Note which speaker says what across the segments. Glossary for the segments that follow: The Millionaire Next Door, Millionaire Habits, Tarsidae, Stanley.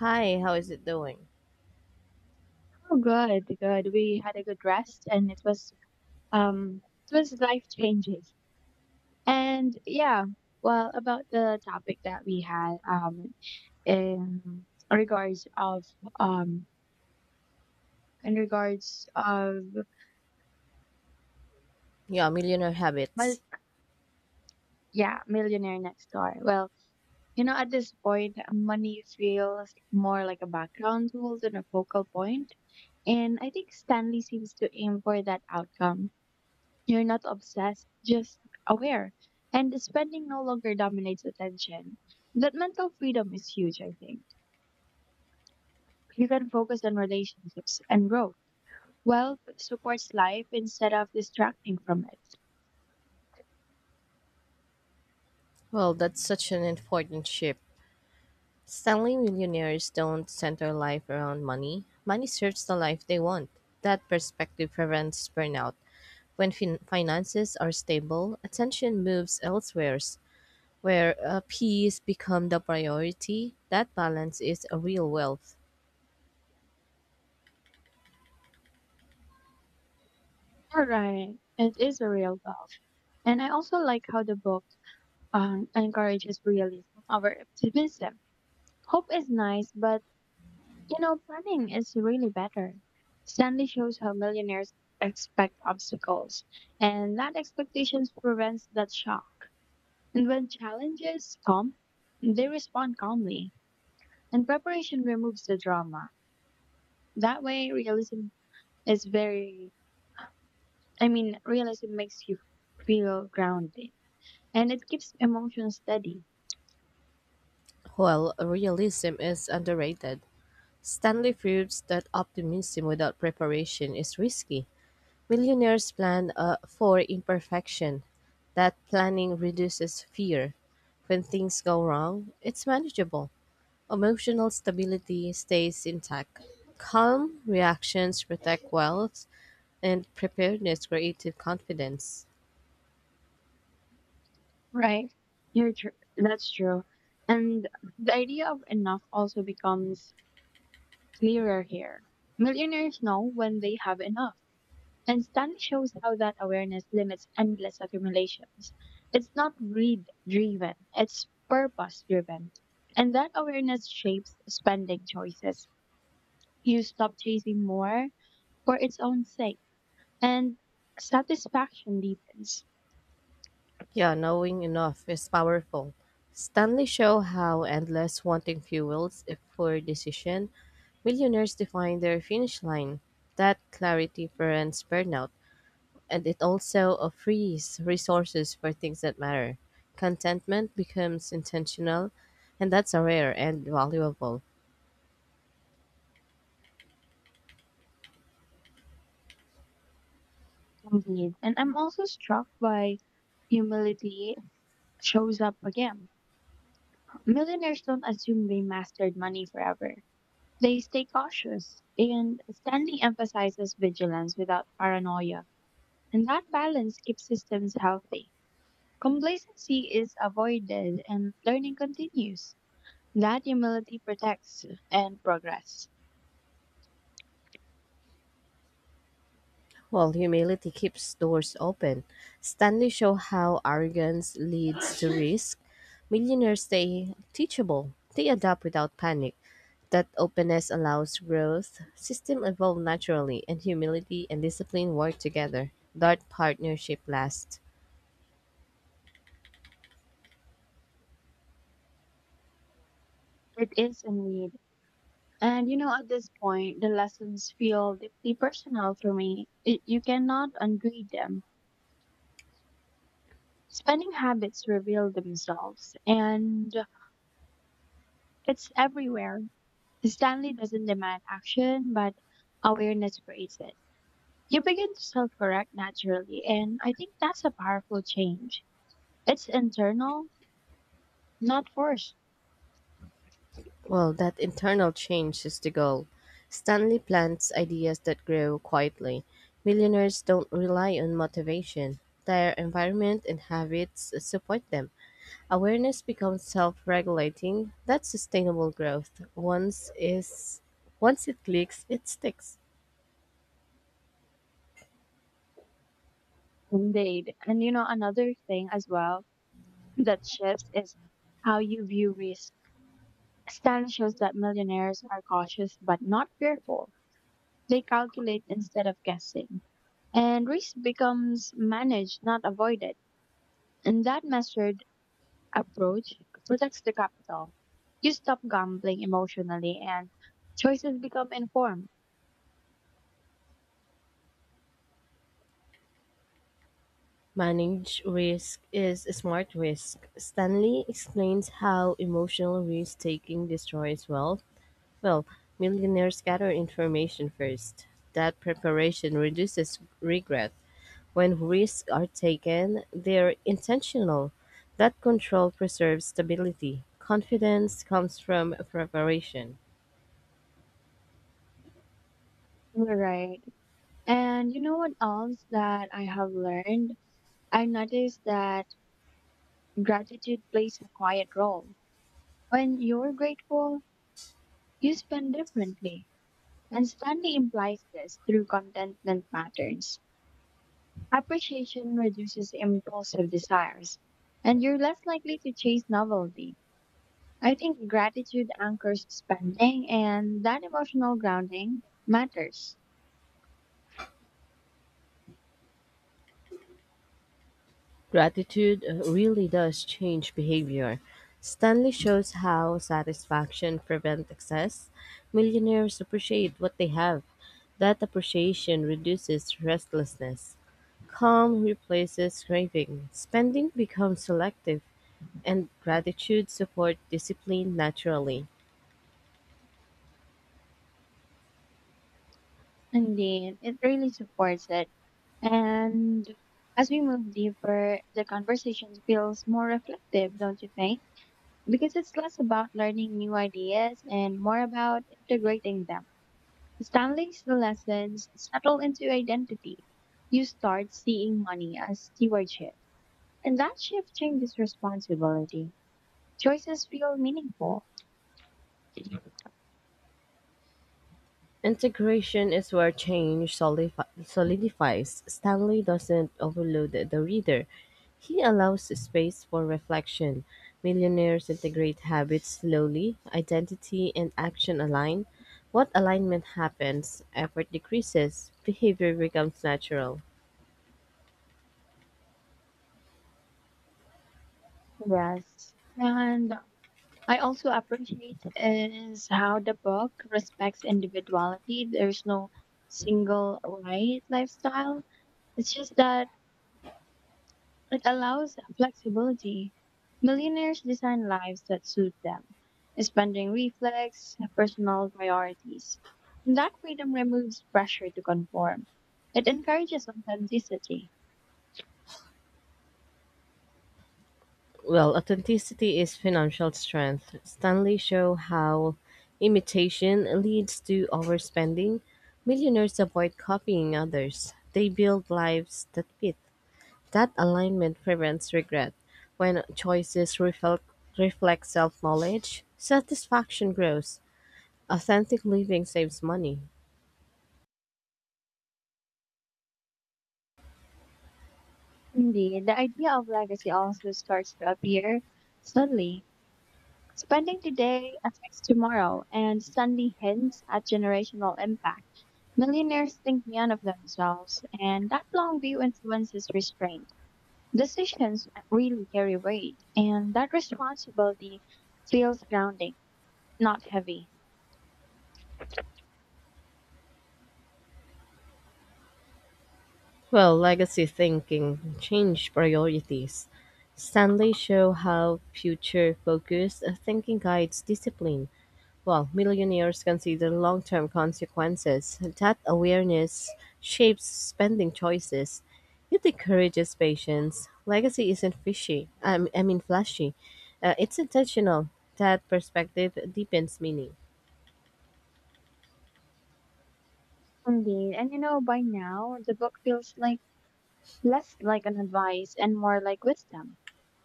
Speaker 1: Hi, how is it doing?
Speaker 2: Oh, good, good. We had a good rest and um it was life changing. And yeah, well, about the topic that we had in regards of um in regards of
Speaker 1: Yeah, Millionaire
Speaker 2: well,
Speaker 1: Habits.
Speaker 2: yeah, millionaire next door. Well, you know, at this point, money feels more like a background tool than a focal point, and I think Stanley seems to aim for that outcome. You're not obsessed, just aware. And spending no longer dominates attention. That mental freedom is huge, I think. You can focus on relationships and growth. Wealth supports life instead of distracting from it.
Speaker 1: Well, that's such an important shift. Stanley millionaires don't center life around money. Money serves the life they want. That perspective prevents burnout. When finances are stable, attention moves elsewhere, where peace becomes the priority. That balance is a real wealth,
Speaker 2: All right, it is a real wealth. And I also like how the book encourages realism over optimism. Hope is nice, but you know, planning is really better. Stanley shows how millionaires expect obstacles, and that expectations prevents that shock. And when challenges come, they respond calmly, and preparation removes the drama. That way, realism is very, I mean, realism makes you feel grounded, and it keeps emotions steady,
Speaker 1: while realism is underrated. Stanley proves that optimism without preparation is risky. Millionaires plan for imperfection; that planning reduces fear. When things go wrong, it's manageable. Emotional stability stays intact. Calm reactions protect wealth, and preparedness creates confidence.
Speaker 2: right? That's true. And the idea of enough also becomes clearer here. Millionaires know when they have enough, and Stanley shows how that awareness limits endless accumulations. It's not greed driven, it's purpose driven. And that awareness shapes spending choices. You stop chasing more for its own sake, and satisfaction deepens.
Speaker 1: Yeah, knowing enough is powerful. Stanley show how endless wanting fuels for decision. Millionaires define their finish line. That clarity prevents burnout. And it also frees resources for things that matter. Contentment becomes intentional, and that's a rare and valuable.
Speaker 2: Indeed. And I'm also struck by humility shows up again. Millionaires don't assume they mastered money forever. They stay cautious, and Stanley emphasizes vigilance without paranoia, and that balance keeps systems healthy. Complacency is avoided, and learning continues. That humility protects and progress.
Speaker 1: While humility keeps doors open, Stanley show how arrogance leads to risk. Millionaires stay teachable; they adapt without panic. That openness allows growth. System evolve naturally, and humility and discipline work together. That partnership lasts.
Speaker 2: It is a need. And you know, at this point, the lessons feel deeply personal for me. It, you cannot ungrade them. Spending habits reveal themselves, and it's everywhere. Stanley doesn't demand action, but awareness creates it. You begin to self correct naturally, and I think that's a powerful change. It's internal, not forced.
Speaker 1: Well, that internal change is the goal. Stanley plants ideas that grow quietly. Millionaires don't rely on motivation. Their environment and habits support them. Awareness becomes self-regulating. That's sustainable growth. Once it clicks, it sticks.
Speaker 2: Indeed. And you know, another thing as well that shifts is how you view risk. Stanley shows that millionaires are cautious but not fearful. They calculate instead of guessing. And risk becomes managed, not avoided. And that message approach protects the capital. You stop gambling emotionally and choices become informed.
Speaker 1: Manage risk is a smart risk. Stanley explains how emotional risk taking destroys wealth. Well, millionaires gather information first. That preparation reduces regret. When risks are taken, they're intentional. That control preserves stability. Confidence comes from preparation.
Speaker 2: Right. And you know what else that I have learned? I noticed that gratitude plays a quiet role. When you're grateful, you spend differently. And Stanley implies this through contentment patterns. Appreciation reduces impulsive desires, and you're less likely to chase novelty. I think gratitude anchors spending and that emotional grounding matters.
Speaker 1: Gratitude really does change behavior. Stanley shows how satisfaction prevents excess. Millionaires appreciate what they have. That appreciation reduces restlessness. Calm replaces craving. Spending becomes selective, and gratitude supports discipline naturally.
Speaker 2: Indeed, it really supports it. And as we move deeper, the conversation feels more reflective, don't you think? Because it's less about learning new ideas and more about integrating them. Stanley's lessons settle into identity. You start seeing money as stewardship. And that shift changes responsibility. Choices feel meaningful.
Speaker 1: Integration is where change solidifies. Stanley doesn't overload the reader. He allows space for reflection. Millionaires integrate habits slowly, identity and action align. What alignment happens, effort decreases, behavior becomes natural.
Speaker 2: Yes. And I also appreciate is how the book respects individuality. There's no single right lifestyle. It's just that it allows flexibility. Millionaires design lives that suit them. Spending reflex, personal priorities. And that freedom removes pressure to conform. It encourages authenticity.
Speaker 1: Well, authenticity is financial strength. Stanley show how imitation leads to overspending. Millionaires avoid copying others. They build lives that fit. That alignment prevents regret. When reflect self-knowledge, satisfaction grows. Authentic living saves money.
Speaker 2: Indeed, the idea of legacy also starts to appear subtly. Spending today affects tomorrow, and Sunday hints at generational impact. Millionaires think beyond of themselves, and that long view influences restraint. Decisions really carry weight, and that responsibility feels grounding, not heavy.
Speaker 1: Well, legacy thinking changed priorities. Stanley show how future-focused thinking guides discipline, while millionaires consider long-term consequences. That awareness shapes spending choices. It encourages patience. Legacy isn't fishy. I mean flashy. It's intentional. That perspective deepens meaning.
Speaker 2: Indeed, and you know, by now, the book feels like less like an advice and more like wisdom.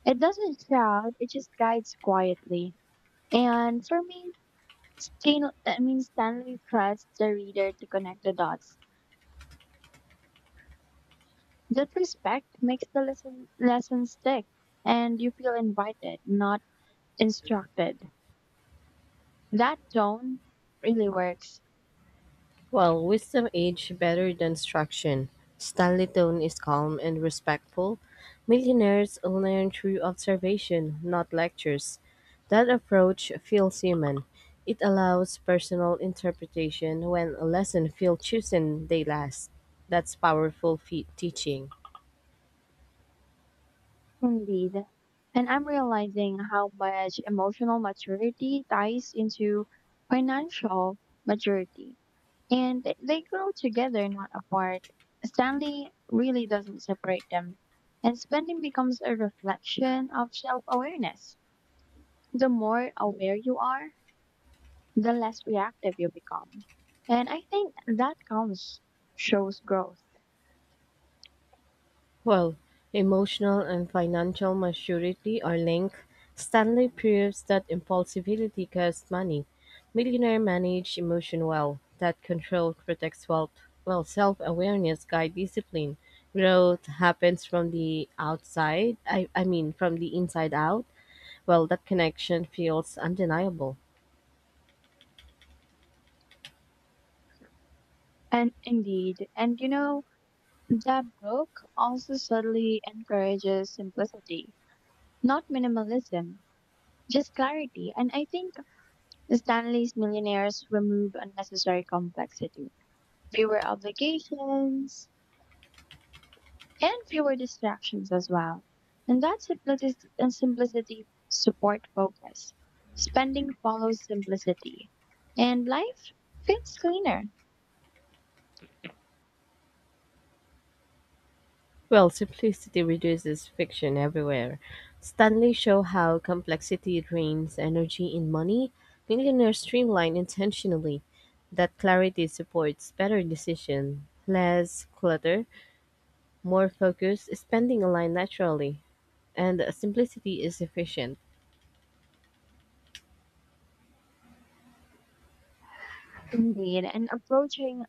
Speaker 2: It doesn't shout, it just guides quietly. And for me, Stanley trusts the reader to connect the dots. That respect makes the lesson stick, and you feel invited, not instructed. That tone really works,
Speaker 1: Well, wisdom aged better than instruction, Stanley tone is calm and respectful. Millionaires learn through observation, not lectures. That approach feels human. It allows personal interpretation when a lesson feels chosen they last. That's powerful teaching.
Speaker 2: indeed. And I'm realizing how much emotional maturity ties into financial maturity, and they grow together, not apart. Stanley really doesn't separate them, and spending becomes a reflection of self awareness. The more aware you are, the less reactive you become. And I think that comes shows growth.
Speaker 1: Well, emotional and financial maturity are linked, Stanley proves that impulsivity costs money. Millionaire manage emotion well. That control protects wealth. Well, self-awareness guides discipline. Growth happens from the outside, I mean from the inside out. Well, that connection feels undeniable.
Speaker 2: And indeed, and you know, that book also subtly encourages simplicity, not minimalism, just clarity. And I think Stanley's millionaires remove unnecessary complexity. Fewer obligations, and fewer distractions as well. And that simplicity, and simplicity support focus. Spending follows simplicity, and life feels cleaner
Speaker 1: Well, simplicity reduces friction everywhere. Stanley show how complexity drains energy in money. Millionaires streamline intentionally. That clarity supports better decision, less clutter, more focus, spending aligned naturally, and simplicity is efficient.
Speaker 2: indeed. And approaching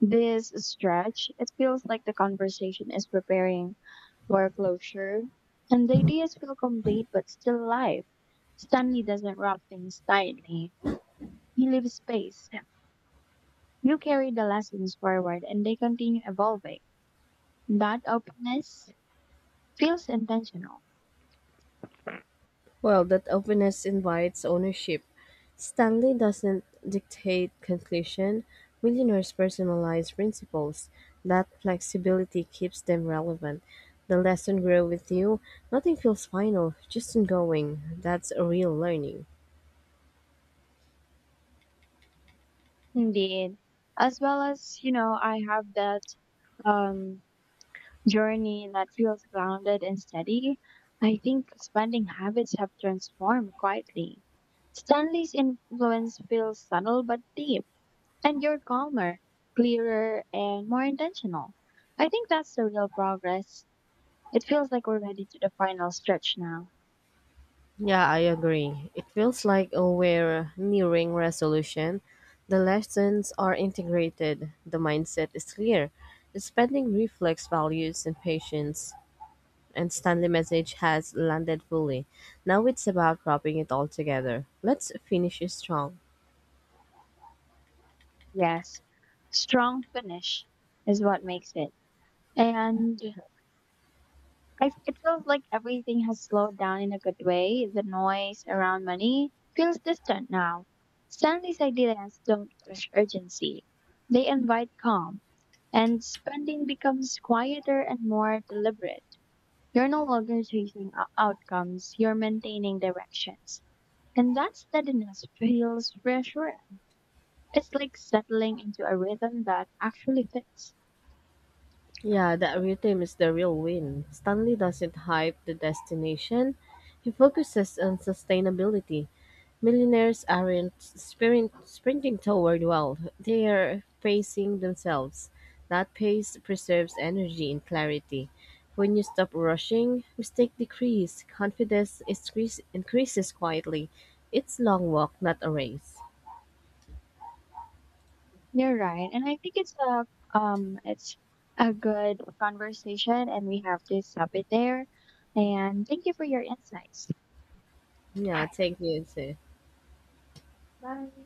Speaker 2: this stretch, it feels like the conversation is preparing for closure, and the ideas feel complete but still alive. Stanley doesn't wrap things tightly; he leaves space. You carry the lessons forward, and they continue evolving. That openness feels intentional
Speaker 1: Well, that openness invites ownership. Stanley doesn't dictate conclusion. Millionaires personalize principles. That flexibility keeps them relevant. The lesson grow with you. Nothing feels final, just ongoing. That's a real learning.
Speaker 2: indeed. As well, as you know, I have that um journey that feels grounded and steady. I think spending habits have transformed quietly. Stanley's influence feels subtle but deep, and you're calmer, clearer and more intentional. I think that's the real progress. It feels like we're ready to the final stretch now.
Speaker 1: Yeah, I agree. It feels like oh, we're nearing resolution. The lessons are integrated. The mindset is clear. The spending reflects values and patience. And Stanley message has landed fully. Now it's about wrapping it all together. Let's finish strong.
Speaker 2: Yes, strong finish is what makes it. And I, it feels like everything has slowed down in a good way. The noise around money feels distant now. Stanley's ideas don't push urgency, they invite calm, and spending becomes quieter and more deliberate. You're no longer chasing o- outcomes, you're maintaining directions. And that steadiness feels reassuring. It's like settling into a rhythm that actually fits.
Speaker 1: Yeah, that rhythm is the real win. Stanley doesn't hype the destination, he focuses on sustainability. Millionaires aren't sprinting toward wealth, they are pacing themselves. That pace preserves energy and clarity. When you stop rushing, mistake decrease, increases quietly. It's long walk, not a race.
Speaker 2: You're right. And I think it's a good conversation and we have to stop it there. And thank you for your insights.
Speaker 1: Yeah, thank you. Too.
Speaker 2: Bye.